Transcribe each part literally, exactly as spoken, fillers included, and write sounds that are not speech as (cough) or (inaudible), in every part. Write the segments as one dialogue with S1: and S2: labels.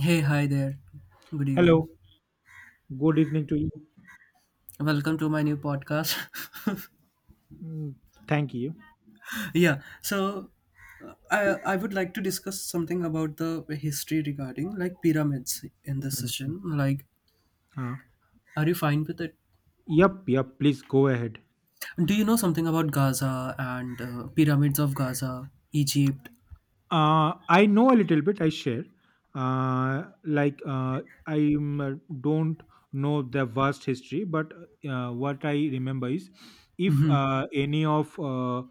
S1: Hey, hi there. Good evening.
S2: Hello, good evening to you.
S1: Welcome to my new podcast.
S2: Mm, thank you.
S1: (laughs) yeah, so uh, I I would like to discuss something about the history regarding like pyramids in this
S2: Mm,
S1: session. Like,
S2: Uh,
S1: are you fine with it?
S2: yep, yep, please go ahead.
S1: Do you know something about Gaza and uh, pyramids of Gaza, Egypt?
S2: Uh, I know a little bit. I share. Uh, like uh, I don't know the vast history, but uh, what I remember is, if
S1: Mm-hmm.
S2: uh, any of uh,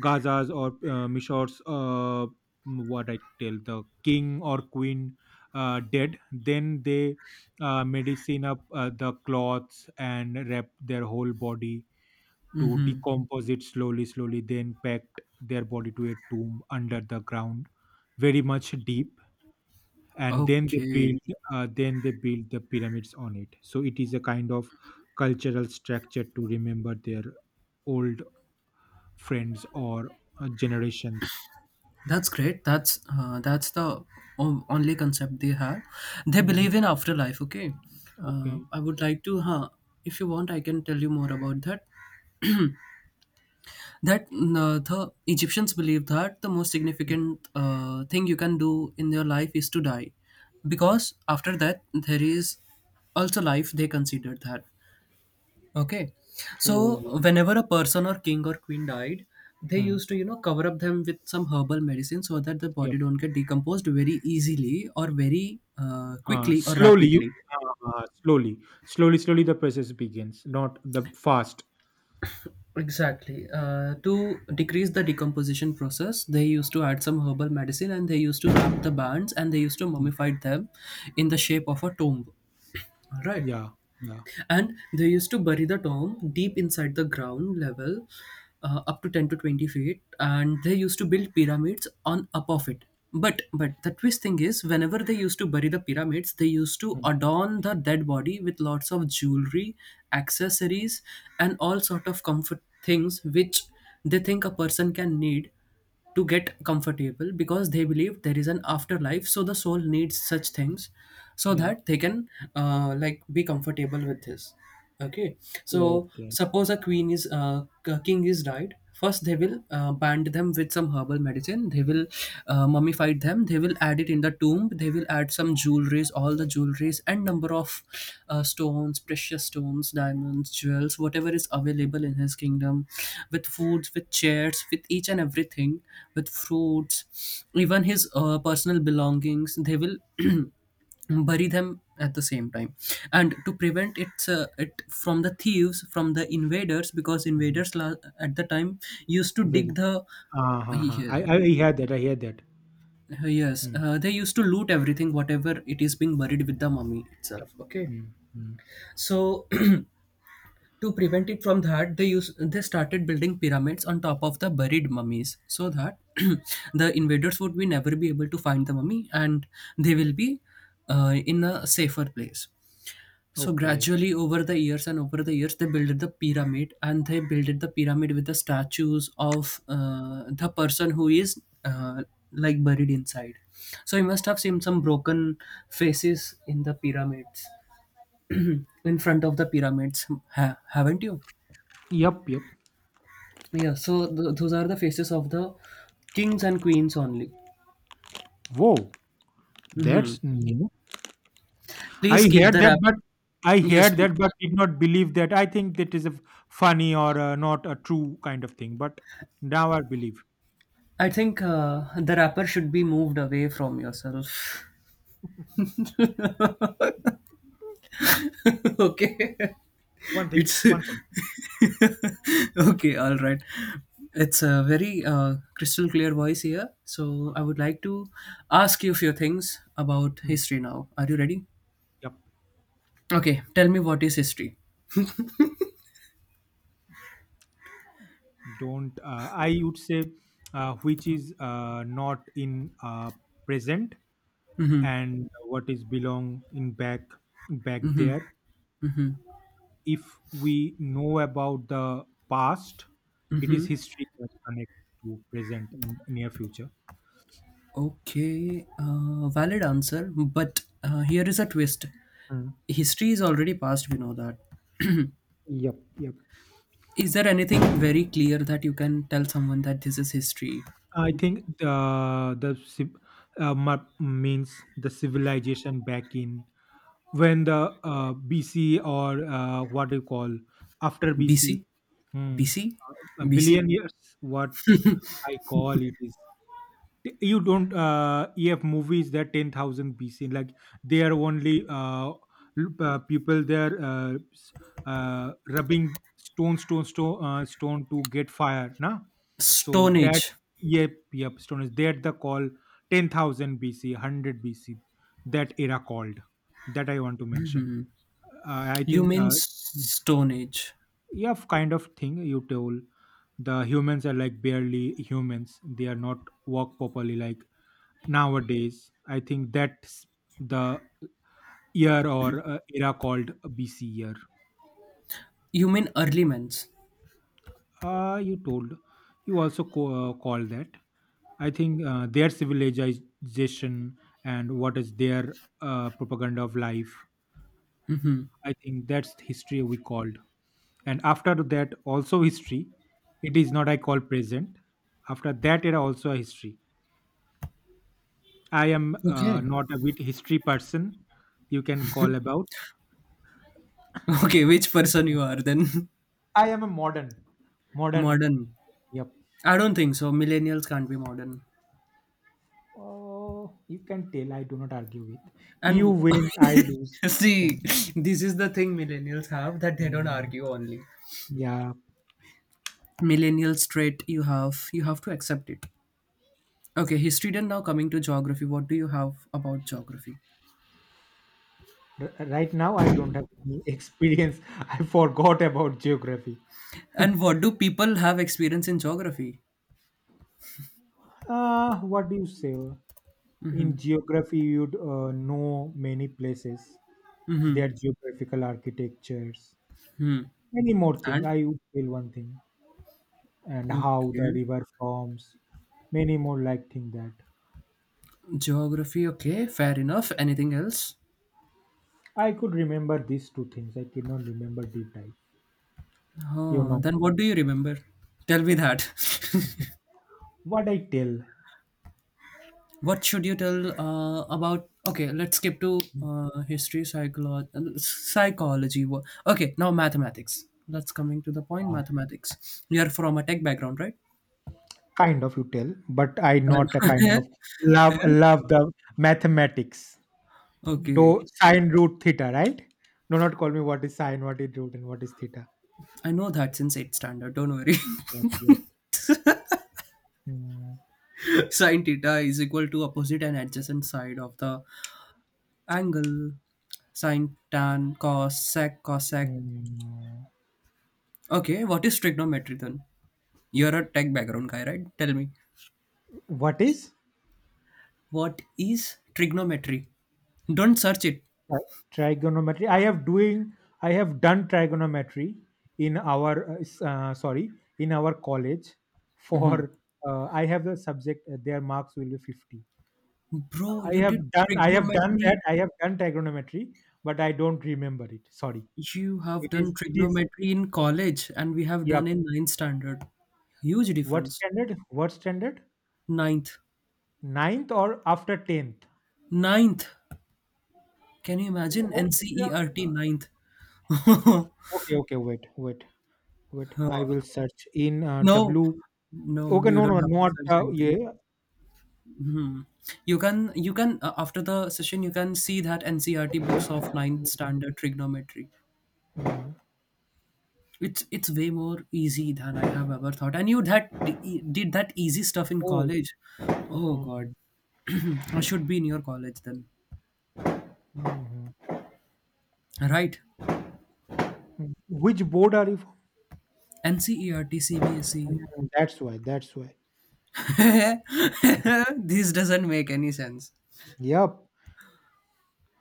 S2: Gaza's or uh, Mishor's, uh, what I tell the king or queen uh, dead, then they uh, medicine up uh, the cloths and wrap their whole body to
S1: Mm-hmm.
S2: decompose it slowly, slowly, then packed their body to a tomb under the ground, very much deep. And then they
S1: Okay.
S2: build, uh, then they build the pyramids on it. So it is a kind of cultural structure to remember their old friends or uh, generations.
S1: That's great. That's uh, that's the o- only concept they have. They
S2: Mhm.
S1: believe in afterlife. Okay, uh,
S2: Okay.
S1: I would like to. Huh, if you want, I can tell you more about that. That uh, the Egyptians believe that the most significant uh, thing you can do in your life is to die, because after that there is also life. They consider that. Okay. So
S2: Oh,
S1: whenever a person or king or queen died, they
S2: hmm.
S1: used to, you know, cover up them with some herbal medicine so that the
S2: Yep.
S1: body don't get decomposed very easily or very uh,
S2: Uh,
S1: quickly or
S2: slowly, you,
S1: rapidly.
S2: uh, uh, slowly, slowly, slowly, the process begins. Not the fast.
S1: Exactly. Uh, to decrease the decomposition process, they used to add some herbal medicine and they used to wrap the bands and they used to
S2: Mm.
S1: mummify them in the shape of a tomb. All right.
S2: Yeah, yeah,
S1: And they used to bury the tomb deep inside the ground level uh, up to ten to twenty feet, and they used to build pyramids on up of it. But but the twist thing is, whenever they used to bury the pyramids, they used to
S2: mm,
S1: adorn the dead body with lots of jewelry, accessories, and all sort of comfort things which they think a person can need to get comfortable, because they believe there is an afterlife, so the soul needs such things so
S2: yeah.
S1: that they can uh, like be comfortable with this. Okay, so
S2: Okay.
S1: suppose a queen is uh, a king is died. First they will uh, bind them with some herbal medicine, they will uh, mummify them them they will add it in the tomb, they will add some jewelries, all the jewelries, and number of uh, stones, precious stones, diamonds, jewels, whatever is available in his kingdom, with foods, with chairs, with each and everything, with fruits, even his uh, personal belongings they will (clears throat) bury them at the same time. And to prevent it, uh, it from the thieves, from the invaders, because
S2: Mhm.
S1: invaders la- at the time used to
S2: Very.
S1: dig the
S2: Ah, ha, ha.
S1: yeah,
S2: I, I I hear that. I hear that.
S1: uh, yes,
S2: Mm,
S1: uh, they used to loot everything, whatever it is being buried with the mummy itself. Okay,
S2: mm, mm.
S1: so (clears throat) to prevent it from that, they use they started building pyramids on top of the buried mummies, so that (clears throat) the invaders would be never be able to find the mummy, and they will be uh, in a safer place. So
S2: Okay.
S1: gradually, over the years and over the years, they built the pyramid, and they built the pyramid with the statues of uh, the person who is uh, like buried inside. So you must have seen some broken faces in the pyramids (clears throat) in front of the pyramids, ha- haven't you?
S2: Yep, yep.
S1: Yeah, so th- those are the faces of the kings and queens only.
S2: Whoa,
S1: Hmm.
S2: that's new. I
S1: Please keep
S2: heard
S1: the
S2: that,
S1: wrap.
S2: but I
S1: Yes,
S2: heard
S1: pl-
S2: that, but did not believe that. I think that is a f- funny or uh, not a true kind of thing. But now I believe.
S1: I think uh, the wrapper should be moved away from yourself. (laughs) Okay.
S2: One thing.
S1: it's
S2: One second.
S1: (laughs) Okay, all right, it's a very uh, crystal clear voice here, so I
S2: Ah,
S1: would like to ask you a few things about
S2: mm,
S1: history now. Are you ready?
S2: yep.
S1: Okay, tell me, what is history?
S2: Don't. Uh, I would say, uh, which is uh, not in uh, present
S1: Mm-hmm.
S2: and what is belong in back back there if we know about the past, it is
S1: Mm-hmm.
S2: history that connects to present and near future.
S1: Okay, uh, valid answer, but uh, here is a twist.
S2: Mm.
S1: History is already past, we know that. (clears throat)
S2: Yep, yep.
S1: Is there anything very clear that you can tell someone that this is history?
S2: I think the the civ- uh, ma- means the civilization back in when the uh, B C or uh, what do you call after
S1: B
S2: B C.
S1: C, B
S2: Mm.
S1: C,
S2: A
S1: B C,
S2: billion years. What I call it is T- you don't uh, have movies that ten thousand B C, like they are only uh, l- uh, people there uh, s- uh, rubbing stone stone stone uh, stone to get fire na, so
S1: stone
S2: that
S1: age.
S2: yep yep stone is that the call. ten thousand B C, one hundred B C, that era called, that I want to mention. Uh, I
S1: You
S2: think
S1: mean
S2: uh,
S1: Stone Age?
S2: Yeah, f- kind of thing you told. The humans are like barely humans, they are not work properly like nowadays. I think that's the year or uh, era called BC year.
S1: You mean early men's?
S2: Uh, you told you also co- uh, call that. I think uh, their civilization and what is their uh, propaganda of life, I think that's the history we called. And after that also history, it is not I call present. After that era also a history. I am uh,
S1: Okay.
S2: not a bit history person, you can call about.
S1: (laughs) Okay, which person you are then?
S2: I am a modern.
S1: (laughs)
S2: Modern.
S1: Modern.
S2: Yep.
S1: I don't think so. Millennials can't be modern.
S2: Oh, you can tell, I do not argue with.
S1: And
S2: You
S1: w-
S2: win, I
S1: (laughs)
S2: lose. I
S1: See,
S2: can.
S1: this is the thing millennials have, that they don't
S2: Um,
S1: argue only.
S2: yeah.
S1: Millennial trait you have, you have to accept it. Okay, history then. Now coming to geography. What do you have about geography?
S2: R- right now, I don't have any (laughs) experience. I forgot about geography.
S1: And what do people have experience in geography?
S2: Uh, what do you say? In geography, you'd uh, know many places,
S1: Mm-hmm.
S2: their geographical architectures,
S1: Hmm.
S2: many more thing.
S1: And
S2: I would tell one thing, and how the
S1: okay.
S2: river forms, many more like thing that.
S1: Geography, okay, fair enough. Anything else?
S2: I could remember these two things. I cannot remember deep dive. You
S1: Oh,
S2: know
S1: then what do you remember? Tell me that.
S2: what I tell,
S1: (laughs) What should you tell uh, about? Okay, let's skip to uh, history, psychology, psychology. Wha- Okay, now mathematics. Let's coming to the point.
S2: uh,
S1: Mathematics. You are from a tech background, right?
S2: kind of you tell, but I not a kind
S1: Uh,
S2: of love love the mathematics.
S1: (laughs)
S2: Do
S1: okay,
S2: sine root theta, right? Do not call me what is sine, what is root, and what is theta.
S1: I know that since eighth standard. Don't worry. (laughs)
S2: Yeah, yeah. Hmm,
S1: Sine theta is equal to opposite and adjacent side of the angle. Sine tan cos sec cosec.
S2: hmm.
S1: Okay, what is trigonometry then? You're a tech background guy, right? Tell me,
S2: What is?
S1: what is trigonometry? Don't search it.
S2: Tri- Trigonometry, i have doing i have done trigonometry in our uh, s- uh, sorry, in our college for, uh, I have the subject, uh, their marks will be fifty.
S1: Bro,
S2: I
S1: you
S2: have
S1: did
S2: done I have done
S1: trigonometry.
S2: that I have done trigonometry, but I don't remember it, sorry.
S1: You have
S2: it
S1: done
S2: is it is
S1: trigonometry in college, and we have
S2: yep.
S1: done in ninth standard. Huge
S2: What
S1: difference.
S2: standard, what standard?
S1: Ninth.
S2: Ninth or after tenth?
S1: Ninth. Can you imagine
S2: Oh, yeah.
S1: N C E R T ninth? (laughs)
S2: okay okay wait wait wait, I
S1: Oh,
S2: will search in uh,
S1: no.
S2: w.
S1: No,
S2: Okay,
S1: you
S2: no no
S1: don't have to
S2: not
S1: search
S2: uh,
S1: anything.
S2: yeah.
S1: Hmm. You can you can uh, after the session you can see that N C R T
S2: Okay.
S1: books of ninth
S2: Mhm.
S1: standard trigonometry.
S2: Mhm.
S1: It's it's way more easy than I have ever thought. And you that e, did that easy stuff in
S2: Oh.
S1: college. Oh God,
S2: Mhm.
S1: (clears throat) I should be in your college then.
S2: Mhm.
S1: Right?
S2: Mhm. Which board are you from?
S1: N C E R T, C B S E.
S2: Mm, that's why. That's why. Mm,
S1: (laughs) This doesn't make any sense.
S2: yep.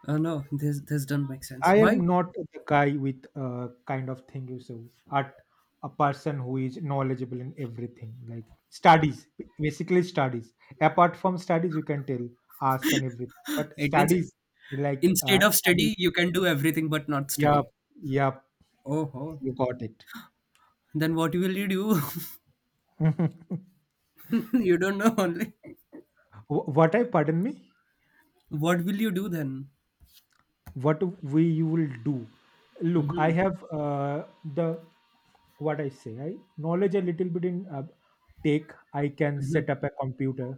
S1: Oh no, this this doesn't make sense.
S2: I
S1: Why?
S2: am not the guy with uh, kind of thing, you so at a person who is knowledgeable in everything, like studies, b- basically studies. Apart from studies, you can tell, ask and everything. But
S1: It means
S2: studies, like,
S1: instead
S2: uh,
S1: of
S2: pardon.
S1: study, you can do everything but not
S2: Yep,
S1: study.
S2: yep,
S1: Oh ho.
S2: you got it.
S1: Then what will you do? (laughs)
S2: (laughs)
S1: (laughs) You don't know only.
S2: Wh- what I pardon me?
S1: What will you do then?
S2: What we you will do? Look, I have uh, the, what I say, I knowledge a little bit in, uh, take, I can
S1: Mhm,
S2: set up a computer,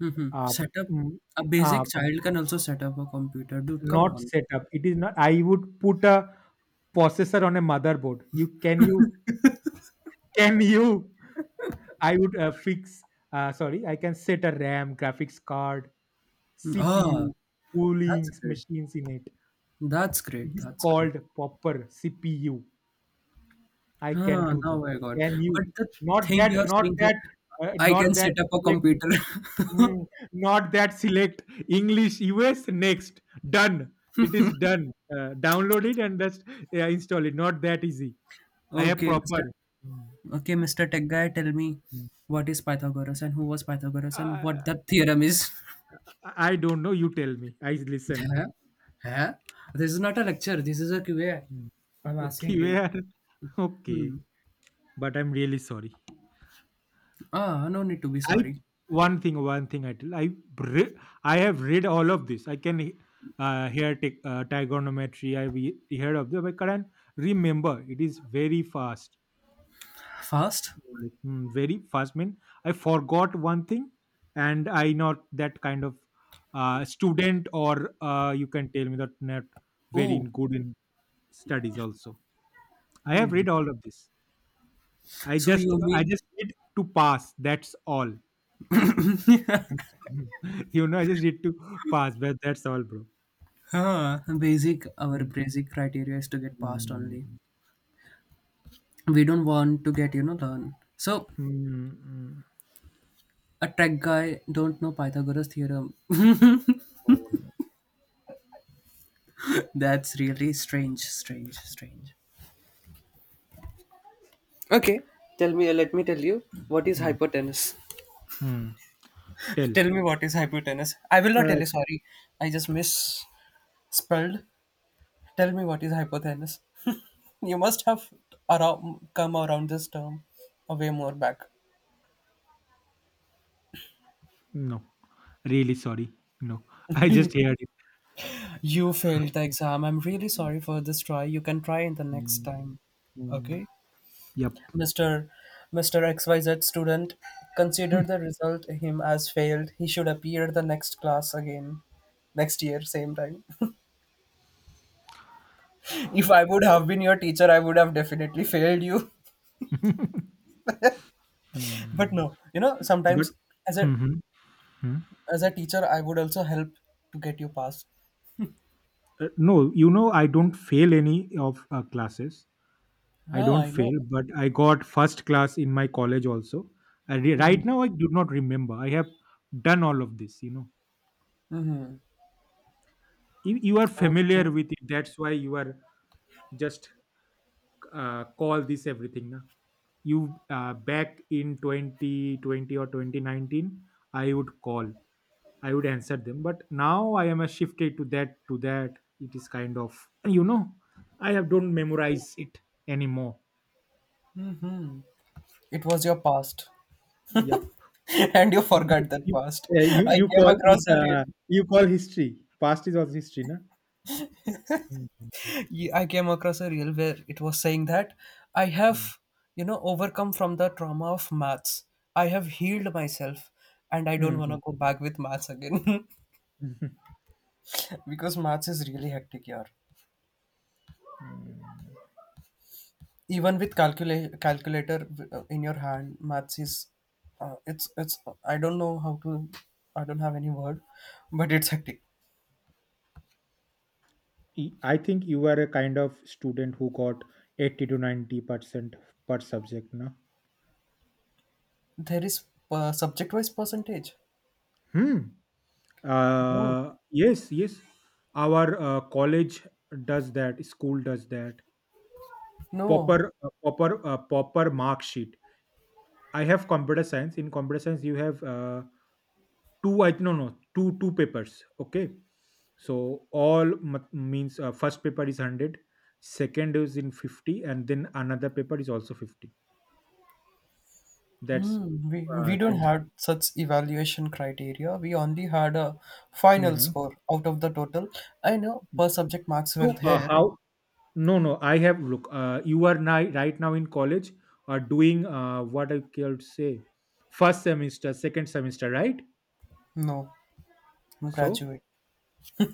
S1: mhm.
S2: uh,
S1: Set up
S2: mm,
S1: a
S2: uh,
S1: basic
S2: com-
S1: child can also set up a computer, dude. Come
S2: not
S1: on.
S2: set up. It is not, I would put a processor on a motherboard. You can you can you I would uh, fix, uh, sorry, I can set a RAM, graphics card,
S1: Ah,
S2: C P U,
S1: that's
S2: cooling
S1: great.
S2: machines in it.
S1: That's
S2: It
S1: great.
S2: is
S1: That's
S2: called
S1: great.
S2: proper C P U. I can
S1: Huh,
S2: do that.
S1: now I got.
S2: Can you?
S1: But the
S2: Not
S1: thing
S2: that,
S1: you're
S2: not
S1: saying that
S2: that, uh,
S1: I can
S2: not that,
S1: set up a
S2: select,
S1: computer. (laughs)
S2: mm, not that select English U S next. Done. It is done. Uh, download it and just uh, install it. Not that easy. I have
S1: Okay,
S2: proper.
S1: Mr.
S2: Mm,
S1: Okay, mister Tech guy, tell me,
S2: mm.
S1: what is Pythagoras and who was Pythagoras and what
S2: Uh,
S1: that theorem is.
S2: I don't know. You tell me. I
S1: (laughs)
S2: listen.
S1: Huh? Huh? This is not a lecture. This is a Q A.
S2: Mm.
S1: I'm asking
S2: Okay,
S1: you.
S2: where? (laughs) Okay.
S1: Hmm.
S2: But I'm really sorry.
S1: Ah, no need to be
S2: I
S1: sorry.
S2: one thing, one thing I tell. I re- I have read all of this. I can uh, hear t- uh, trigonometry. I've he- heard of them. I can't remember. It is very fast.
S1: Fast?
S2: Mm, very fast. Mean, I forgot one thing, and I not that kind of uh, student, or uh, you can tell me that not very
S1: Oh,
S2: good in studies. Also, I have read all of this. I
S1: so
S2: just
S1: you
S2: I
S1: mean
S2: just need to pass. That's all. (laughs) You know, I just need to pass, but that's all, bro.
S1: huh, basic our
S2: Mm,
S1: basic criteria is to get past only.
S2: mm.
S1: We don't want to get, you know, learn. So
S2: Mm, mm.
S1: a tech guy don't know Pythagoras theorem.
S2: Oh, no.
S1: (laughs) That's really strange, strange, strange. Okay. Tell me let me tell you, what is
S2: Mm,
S1: hypotenuse.
S2: mm.
S1: (laughs)
S2: Tell.
S1: Tell me, what is hypotenuse. I will not tell
S2: Uh,
S1: you, sorry. I just misspelled Tell me, what is hypothalamus? (laughs) You must have around, come around this term a way more back.
S2: No. Really sorry. No. (laughs) I just heard it.
S1: You failed the exam. I'm really sorry for this try. You can try in the next
S2: Mm,
S1: time.
S2: mm.
S1: Okay?
S2: Yep.
S1: mister mister X Y Z student, consider the result him as failed. He should appear the next class again. Next year, same time. (laughs) If I would have been your teacher, I would have definitely failed you.
S2: (laughs)
S1: (laughs) But
S2: Mm.
S1: no, you know,
S2: But.
S1: sometimes as a
S2: Mhm. Hmm.
S1: as a teacher, I would also help to get you passed.
S2: Uh, no, you know, I don't fail any of uh, classes. I
S1: Ah,
S2: don't
S1: I
S2: fail,
S1: know.
S2: but I got first class in my college also. I re- right now, I do not remember. I have done all of this, you know. You, you are familiar
S1: Okay.
S2: with it, that's why you are just uh, call this everything na? You uh, back in twenty twenty or twenty nineteen i would call I would answer them, but now I am a shifted to that to that. It is kind of, you know, I have don't memorize it anymore.
S1: It was your past,
S2: Yep.
S1: (laughs) and you
S2: you
S1: forgot that
S2: you,
S1: past.
S2: uh, you,
S1: I
S2: you
S1: came
S2: call it,
S1: across a reel.
S2: uh, you call history, past is also history na. Mhm.
S1: Ye- I came across a reel where it was saying that I
S2: Hmm.
S1: have, you know, overcome from the trauma of maths. I have healed myself, and I don't want to
S2: Hmm.
S1: go back with maths again. (laughs)
S2: Hmm. (laughs)
S1: Because maths is really hectic here.
S2: Hmm.
S1: Even with calcula- calculator uh, in your hand, maths is, uh, it's it's. I don't know how to. I don't have any word, but it's hectic.
S2: Y- I think you were a kind of student who got eighty to ninety percent per subject, na?
S1: There is uh, subject-wise percentage.
S2: Hmm.
S1: No,
S2: Uh, yes, yes. Our uh, college does that. School does that.
S1: no.
S2: Proper, uh, proper, uh, proper mark sheet. I have computer science. In computer science, you have uh, two. I no no two two papers. Okay, so all m- means uh, first paper is hundred, second is in fifty, and then another paper is also fifty. That's
S1: Hmm. We we
S2: uh,
S1: don't
S2: then
S1: have such evaluation criteria. We only had a final
S2: hmm.
S1: score out of the total. I know per subject marks were
S2: So uh,
S1: there.
S2: how? No, no. I have look. Uh, you are now right now in college, are doing uh, what I could say, first semester, second semester, right?
S1: No, I'm
S2: So
S1: graduate.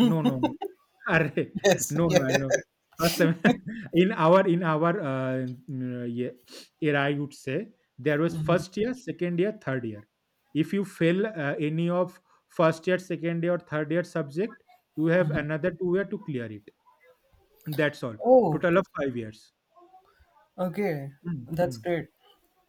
S2: no, no, no. (laughs) Arre,
S1: Yes. (laughs)
S2: no, no.
S1: Yeah.
S2: I know. First sem- (laughs) in our in our uh, mm, yeah, era, I would say there was first year, second year, third year. If you fail uh, any of first year, second year, or third year subject, you have another two year to clear it. That's all.
S1: Oh,
S2: Total of five years.
S1: okay.
S2: Mm,
S1: That's
S2: mm.
S1: great.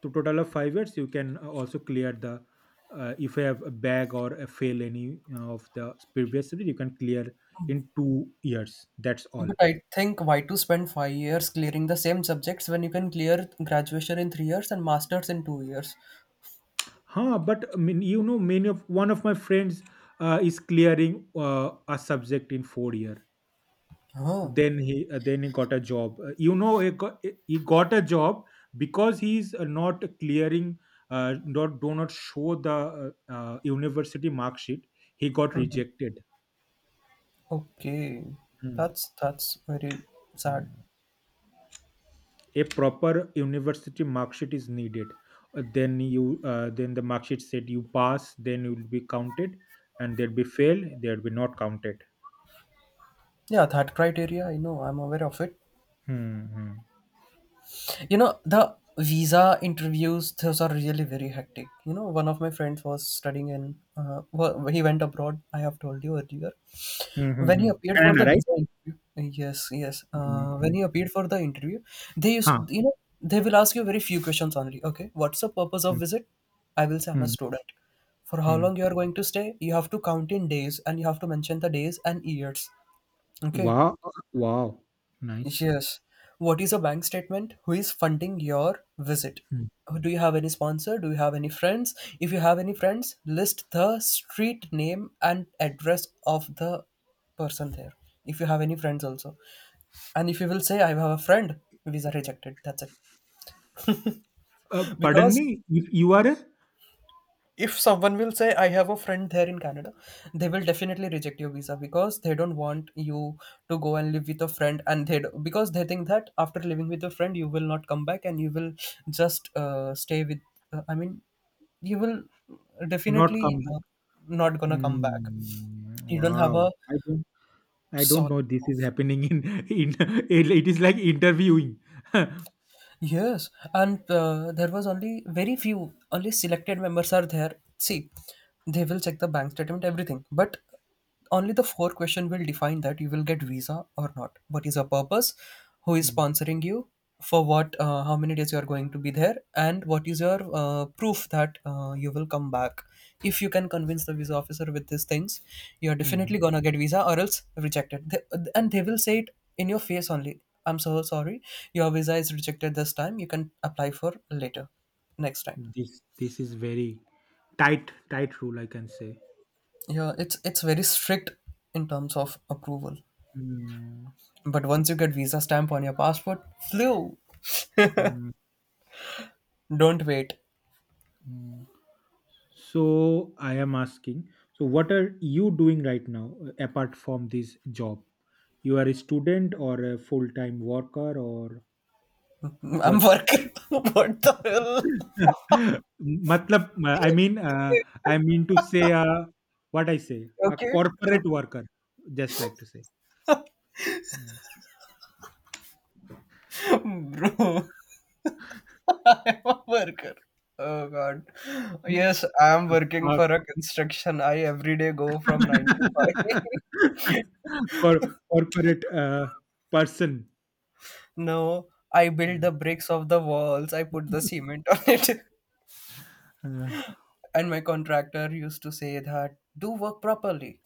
S2: To total of five years, you can uh, also clear the uh, if you have a bag or a fail any uh, of the previous subject, you can clear in two years. That's all.
S1: But I think why to spend five years clearing the same subjects when you can clear graduation in three years and masters in two years?
S2: Huh? But I mean, you know, many of one of my friends uh, is clearing uh, a subject in four year.
S1: Oh,
S2: Then he uh, then he got a job. Uh, you know, he got, he got a job because he's uh, not clearing, uh, not do not show the uh, uh, university mark sheet. He got rejected.
S1: okay.
S2: Hmm.
S1: That's that's very sad.
S2: Mm. A proper university mark sheet is needed. Uh, then you uh, then the mark sheet said you pass, then you will be counted, and there'll be fail, there'll be not counted.
S1: Yeah, that criteria, I know, I'm aware of it.
S2: Hmm, hmm.
S1: You know, the visa interviews, those are really very hectic. You know, one of my friends was studying in, uh, well, he went abroad, I have told you earlier.
S2: Hmm, hmm,
S1: When he
S2: hmm.
S1: appeared for
S2: Canada,
S1: the
S2: right.
S1: visa interview, yes, yes,
S2: Hmm,
S1: uh, when
S2: hmm.
S1: he appeared for the interview, they
S2: Huh.
S1: used, you know, they will ask you very few questions only. Okay, what's the purpose of
S2: Hmm.
S1: visit? I will say I'm a
S2: Hmm,
S1: student. For how
S2: hmm.
S1: long you are going to stay? You have to count in days, and you have to mention the days and years. Okay.
S2: Wow, wow, nice.
S1: Yes. What is a bank statement? Who is funding your visit?
S2: Hmm.
S1: Do you have any sponsor? Do you have any friends? If you have any friends, list the street name and address of the person there. If you have any friends also. And if you will say, I have a friend, visa rejected. That's it.
S2: Uh,
S1: (laughs)
S2: pardon
S1: Because
S2: me, if you are a.
S1: if someone will say I have a friend there in Canada, they will definitely reject your visa because they don't want you to go and live with a friend, and they do- because they think that after living with a friend you will not come back and you will just uh, stay with uh, I mean you will
S2: Not
S1: definitely
S2: come back.
S1: uh, not gonna come back.
S2: Hmm.
S1: You don't have
S2: Wow,
S1: a
S2: I don't. I don't
S1: solid.
S2: know this is happening in (laughs) in. it, it is like interviewing. (laughs)
S1: Yes, and uh, there was only very few, only selected members are there. See, they will check the bank statement, everything, but only the four question will define that you will get visa or not. What is your purpose? Who is
S2: Hmm.
S1: sponsoring you? For what? Uh, how many days you are going to be there? And what is your uh, proof that uh, you will come back? If you can convince the visa officer with these things, you are
S2: Hmm.
S1: definitely gonna get visa, or else rejected. They, and they will say it in your face only. I'm so sorry. Your visa is rejected this time. You can apply for later, next time.
S2: This this is very tight tight rule, I can say.
S1: Yeah, it's it's very strict in terms of approval.
S2: Mm,
S1: But once you get visa stamp on your passport, flew.
S2: mm,
S1: Don't wait.
S2: mm. So I am asking. So what are you doing right now, uh, apart from this job? You are a student or a full time worker or
S1: I'm
S2: what?
S1: working. (laughs) What the hell?
S2: (laughs) Matlab, uh, I mean, uh, I mean to say, uh, what I say, a
S1: Okay,
S2: corporate worker. Just like to say, hmm.
S1: bro. (laughs) I'm a worker. Oh God. Yes, I'm
S2: (laughs)
S1: working
S2: a, a
S1: for a construction. I every day go from nine to five. (laughs)
S2: (laughs) Cor corporate, uh, person.
S1: No, I built
S2: Mm.
S1: the bricks of the walls. I put the
S2: (laughs)
S1: cement on it. (laughs)
S2: Uh,
S1: And my contractor used to say that do work properly.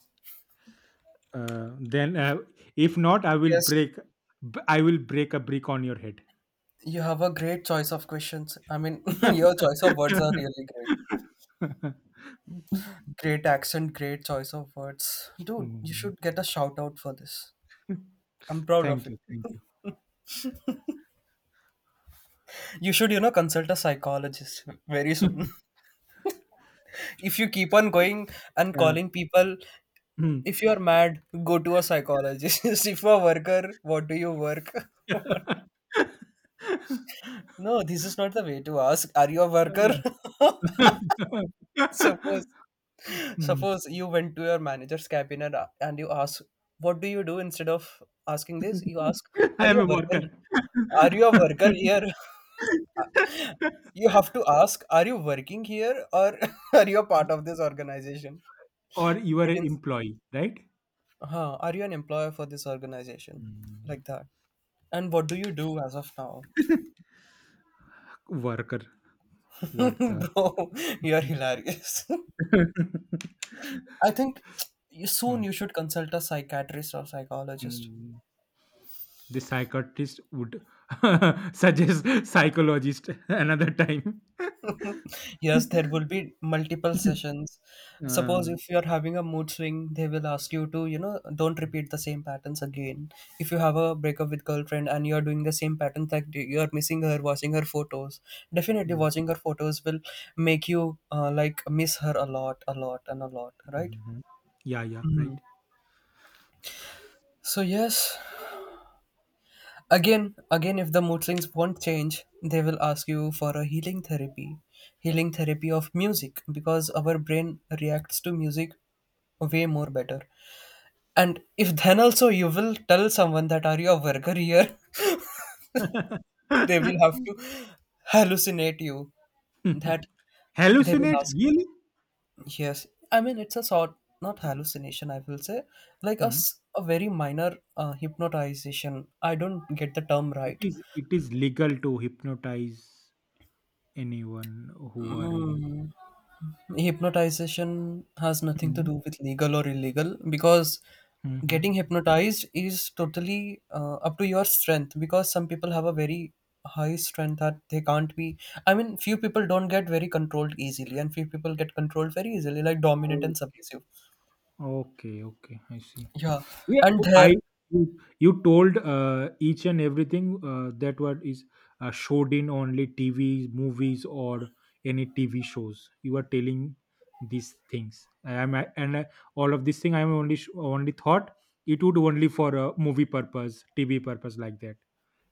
S2: uh, then, uh, if not, I will
S1: Yes,
S2: break b I will break a brick on your head.
S1: you have a great choice of questions. I mean, (laughs) your choice of words are really great.
S2: (laughs)
S1: Great accent, great choice of words. Dude, you
S2: Mm.
S1: should get a shout out for this. I'm proud of
S2: Thank
S1: it.
S2: you, thank you.
S1: You should, you know, consult a psychologist very soon.
S2: (laughs)
S1: (laughs) If you keep on going and
S2: Yeah.
S1: calling people,
S2: Mm.
S1: if you are mad, go to a psychologist. (laughs) If you're a worker, what do you work? (laughs)
S2: (laughs)
S1: No, this is not the way to ask. Are you a worker? (laughs) Suppose
S2: Mm.
S1: suppose you went to your manager's cabin, and, and you ask, what do you do instead of asking this? You ask, are
S2: I
S1: you
S2: am
S1: a
S2: a
S1: worker?
S2: worker.
S1: Are you a worker here? (laughs) Uh, You have to ask, are you working here or (laughs) are you a part of this organization?
S2: Or you are
S1: But
S2: an
S1: in,
S2: employee, right?
S1: huh, are you an employer for this organization?
S2: Mm.
S1: Like that. And what do you do as of now?
S2: Worker. What
S1: (laughs)
S2: the?
S1: Bro, you're hilarious. (laughs) I think you
S2: Hmm.
S1: soon you should consult a psychiatrist or psychologist.
S2: Hmm. The psychiatrist would (laughs) suggest psychologist another time. (laughs)
S1: (laughs) Yes, there will be multiple sessions. Suppose
S2: Uh,
S1: if you are having a mood swing, they will ask you to, you know, don't repeat the same patterns again. If you have a breakup with girlfriend and you are doing the same patterns like you are missing her, watching her photos, definitely
S2: mm,
S1: watching her photos will make you uh, like miss her a lot, a lot, and a lot, right?
S2: mhm. Yeah, yeah,
S1: Mhm.
S2: right.
S1: So yes, again, again, if the mood swings won't change, they will ask you for a healing therapy, healing therapy of music, because our brain reacts to music way more better. And if then also you will tell someone that are you a worker here, (laughs) they will have to
S2: (laughs)
S1: hallucinate you. That they will
S2: Hallucinate
S1: ask.
S2: really?
S1: Yes, I mean it's a sort not hallucination. I will say like a
S2: Hmm.
S1: s a a very minor uh, hypnotization. I don't get the term
S2: It
S1: right.
S2: is it is legal to hypnotize anyone who are in.
S1: Mm. Hypnotization has nothing to
S2: Mhm.
S1: do with legal or illegal because
S2: Mhm.
S1: getting hypnotized is totally uh, up to your strength because some people have a very high strength that they can't be I mean few people don't get very controlled easily and few people get controlled very easily like dominant and
S2: Okay.
S1: submissive.
S2: Okay. Okay. I see.
S1: Yeah,
S2: Yeah,
S1: and
S2: oh,
S1: there.
S2: I, you, you told uh, each and everything uh, that what is uh, showed in only T V, movies, or any T V shows. You are telling these things. I am I- and I, all of this thing. I am only sh- only thought it would only for a movie purpose, T V purpose like that.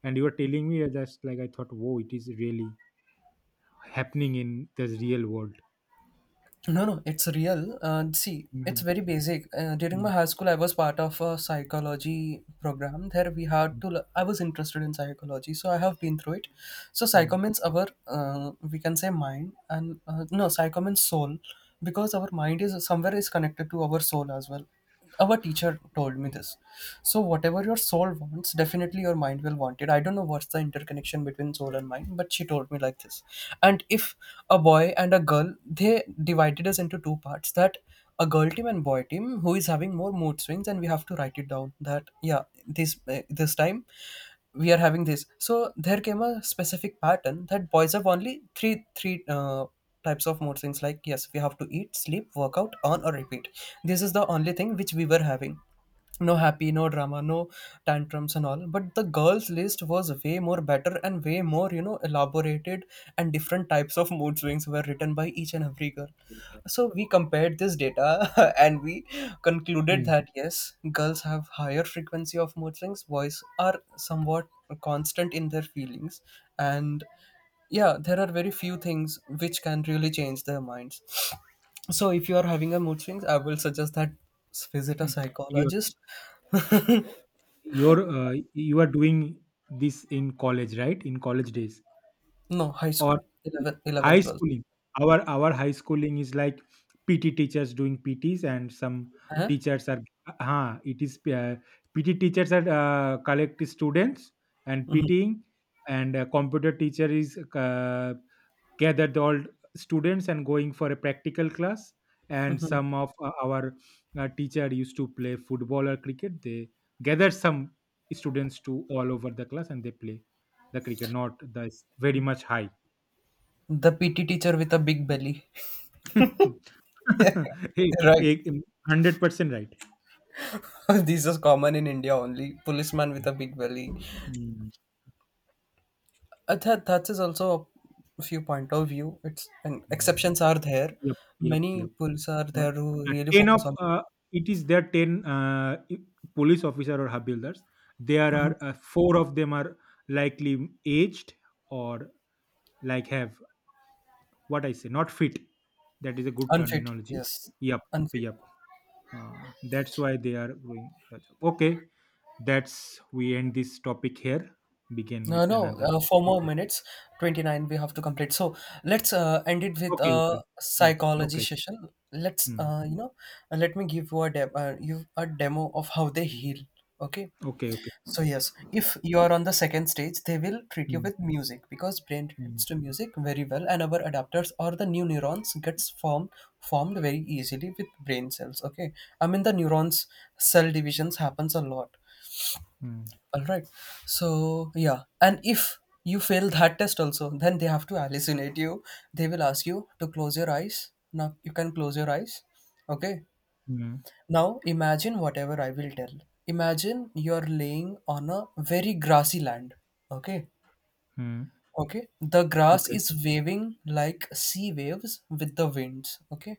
S2: And you are telling me that's like I thought. Whoa, it is really happening in this real world.
S1: No, no, it's real. Uh, see, it's
S2: Mhm.
S1: very basic. Uh, during my
S2: Mm,
S1: high school, I was part of a psychology program. There, we had
S2: mm,
S1: to. l- I was interested in psychology, so I have been through it. So, psycho
S2: mm,
S1: means our, uh, we can say mind, and uh, no, psycho means soul, because our mind is somewhere is connected to our soul as well. Our teacher told me
S2: okay.
S1: this. So whatever your soul wants, definitely your mind will want it. I don't know what's the interconnection between soul and mind, but she told me like this. And if a boy and a girl, they divided us into two parts that a girl team and boy team who is having more mood swings, and we have to write it down that yeah this eh, this time we are having this. So there came a specific pattern that boys have only three three uh, types of mood swings like yes we have to eat, sleep, work out on or repeat. This is the only thing which we were having. No happy, no drama, no tantrums and all. But the girls list was way more better and way more, you know, elaborated, and different types of mood swings were written by each and every girl. So we compared this data (laughs) and we concluded
S2: Mm,
S1: that yes, girls have higher frequency of mood swings, boys are somewhat constant in their feelings. And yeah, there are very few things which can really change their minds. So if you are having a mood swings, I will suggest that s- visit a
S2: mm. You're
S1: psychologist. (laughs)
S2: You're uh, you are doing this in college, right? In college days
S1: No, high
S2: or
S1: school, eleven, eleven,
S2: high
S1: twelve.
S2: schooling. Our our high schooling is like P T teachers doing P Ts and some
S1: Huh?
S2: teachers are huh. it is uh, P T teachers are uh, collect students and
S1: Mhm.
S2: PTing, and uh, computer teacher is uh, gathered the all students and going for a practical class, and some of uh, our uh, teacher used to play football or cricket, they gather some students to all over the class and they play the cricket, not the s- very much high.
S1: The P T teacher with a big belly.
S2: (laughs)
S1: (laughs)
S2: Hey,
S1: Right.
S2: hey, one hundred percent right. (laughs)
S1: (laughs) This is common in India only. Policeman with a big belly.
S2: Mm,
S1: Uh, that, that is also a few point of view. It's and
S2: mm.
S1: exceptions are there.
S2: Yep yep
S1: Many
S2: yep.
S1: police are
S2: Not
S1: there who
S2: uh,
S1: really
S2: ten of
S1: focus on
S2: uh, it is there ten uh, i- police officer or hub builders. There are uh, four of them are likely aged or like have, what I say, not fit. That is a good
S1: unfit.
S2: terminology.
S1: Yes,
S2: Yep,
S1: unfit.
S2: yep. Uh, that's why they are doing the job. Okay, that's we end this topic here. Begin
S1: No,
S2: with
S1: no,
S2: another.
S1: uh, four
S2: Thank
S1: more
S2: you.
S1: minutes, twenty-nine we have to complete. So let's uh, end it with
S2: Okay, okay,
S1: a
S2: mm,
S1: psychology
S2: okay,
S1: session. Let's,
S2: mm,
S1: uh, you know, uh, let me give you a, de- uh, you a demo of how they heal. Okay.
S2: okay, okay.
S1: So yes, if you are on the second stage, they will treat you
S2: Mm,
S1: with music because brain reacts
S2: mm,
S1: to music very well and our adapters or the new neurons gets formed formed very easily with brain cells. Okay. I mean the neurons cell divisions happens a lot.
S2: mm,
S1: All right. So yeah, and if you fail that test also, then they have to hallucinate you. They will ask you to close your eyes. Now you can close your eyes. Okay.
S2: mm,
S1: Now imagine whatever I will tell. Imagine you're laying on a very grassy land. Okay.
S2: mm.
S1: Okay, the grass
S2: Okay,
S1: is waving like sea waves with the winds. Okay,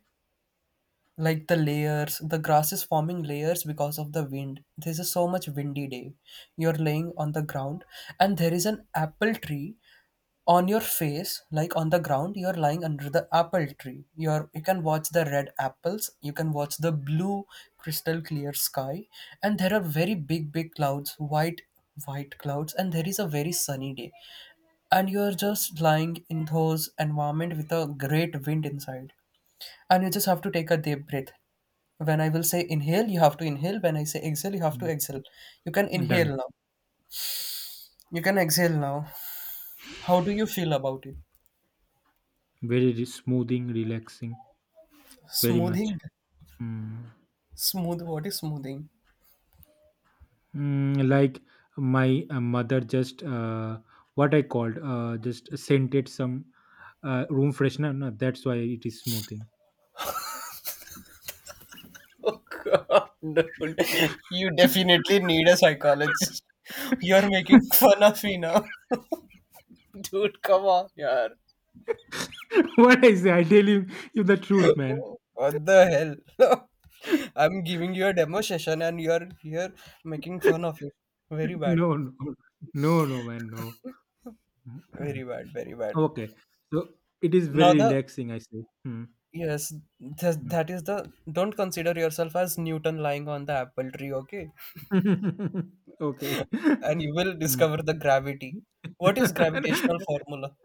S1: like the layers, the grass is forming layers because of the wind. This is so much windy day. You're laying on the ground and there is an apple tree on your face. Like on the ground, you're lying under the apple tree, you're you can watch the red apples, you can watch the blue crystal clear sky. And there are very big big clouds, white white clouds, and there is a very sunny day. And you're just lying in those environment with a great wind inside. And you just have to take a deep breath. When I will say inhale, you have to inhale. When I say exhale, you have to
S2: mm.
S1: exhale. You can inhale
S2: Done.
S1: now. You can exhale now. How do you feel about it?
S2: Very re- smoothing, relaxing, very much.
S1: Smoothing.
S2: Mm.
S1: Smooth, what is smoothing?
S2: Mm, like my uh, mother just uh, what I called uh, just scented some uh, room freshener, no, that's why it is smoothing.
S1: (laughs) Oh God, dude, you definitely need a psychologist. You're making fun of me now. (laughs) Dude, come on, yaar.
S2: (laughs) What I say, I tell you, you the truth, man.
S1: What the hell? (laughs)
S2: (laughs)
S1: I'm giving you a demo session and you're here making fun of it. Very bad,
S2: No no, no no, man, no.
S1: very
S2: (clears throat)
S1: bad, very bad.
S2: Okay, so it is
S1: Now
S2: very
S1: the
S2: relaxing, I say. Mm,
S1: yes, th- that is the, don't consider yourself as Newton lying on the apple tree, okay?
S2: mm. (laughs) Okay.
S1: And you
S2: (laughs)
S1: will
S2: Mm.
S1: discover the gravity. What is gravitational
S2: (laughs)
S1: formula?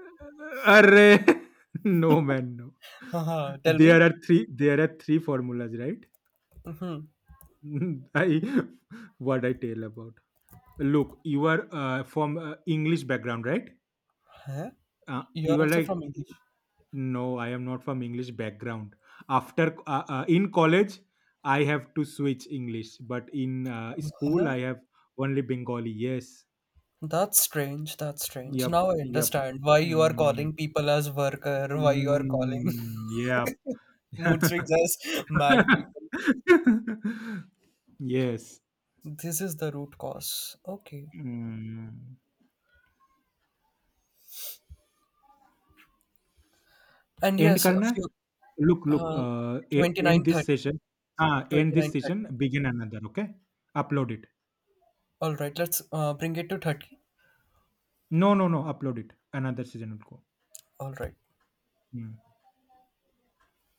S2: Arre! (laughs) No, man, no.
S1: Haha, tell
S2: There
S1: me.
S2: are three. There are three formulas, right? (laughs) I, what I tell about. Look, you are uh, from uh, English background, right?
S1: Huh?
S2: Uh,
S1: You are
S2: you are
S1: also
S2: like,
S1: from English.
S2: no, I am not from English background. After uh, uh, in college, I have to switch English, but in uh, school,
S1: Huh?
S2: I have only Bengali. Yes.
S1: That's strange. That's strange.
S2: Yep.
S1: Now I
S2: Yep.
S1: understand why you are
S2: Mm,
S1: calling people as worker, why you are calling
S2: mm, yep.
S1: (laughs) mood swings
S2: (laughs)
S1: as mad people.
S2: Yes.
S1: This is the root cause. Okay.
S2: Mm.
S1: And
S2: and
S1: yes, a
S2: करना है?
S1: few
S2: look look
S1: uh,
S2: uh, a and this
S1: twenty-nine, thirty,
S2: session. हाँ, and this session, begin another okay? Upload it.
S1: all right, let's uh, bring it to thirty.
S2: No, no, no upload it, another session उनको।
S1: All right.
S2: हुँ।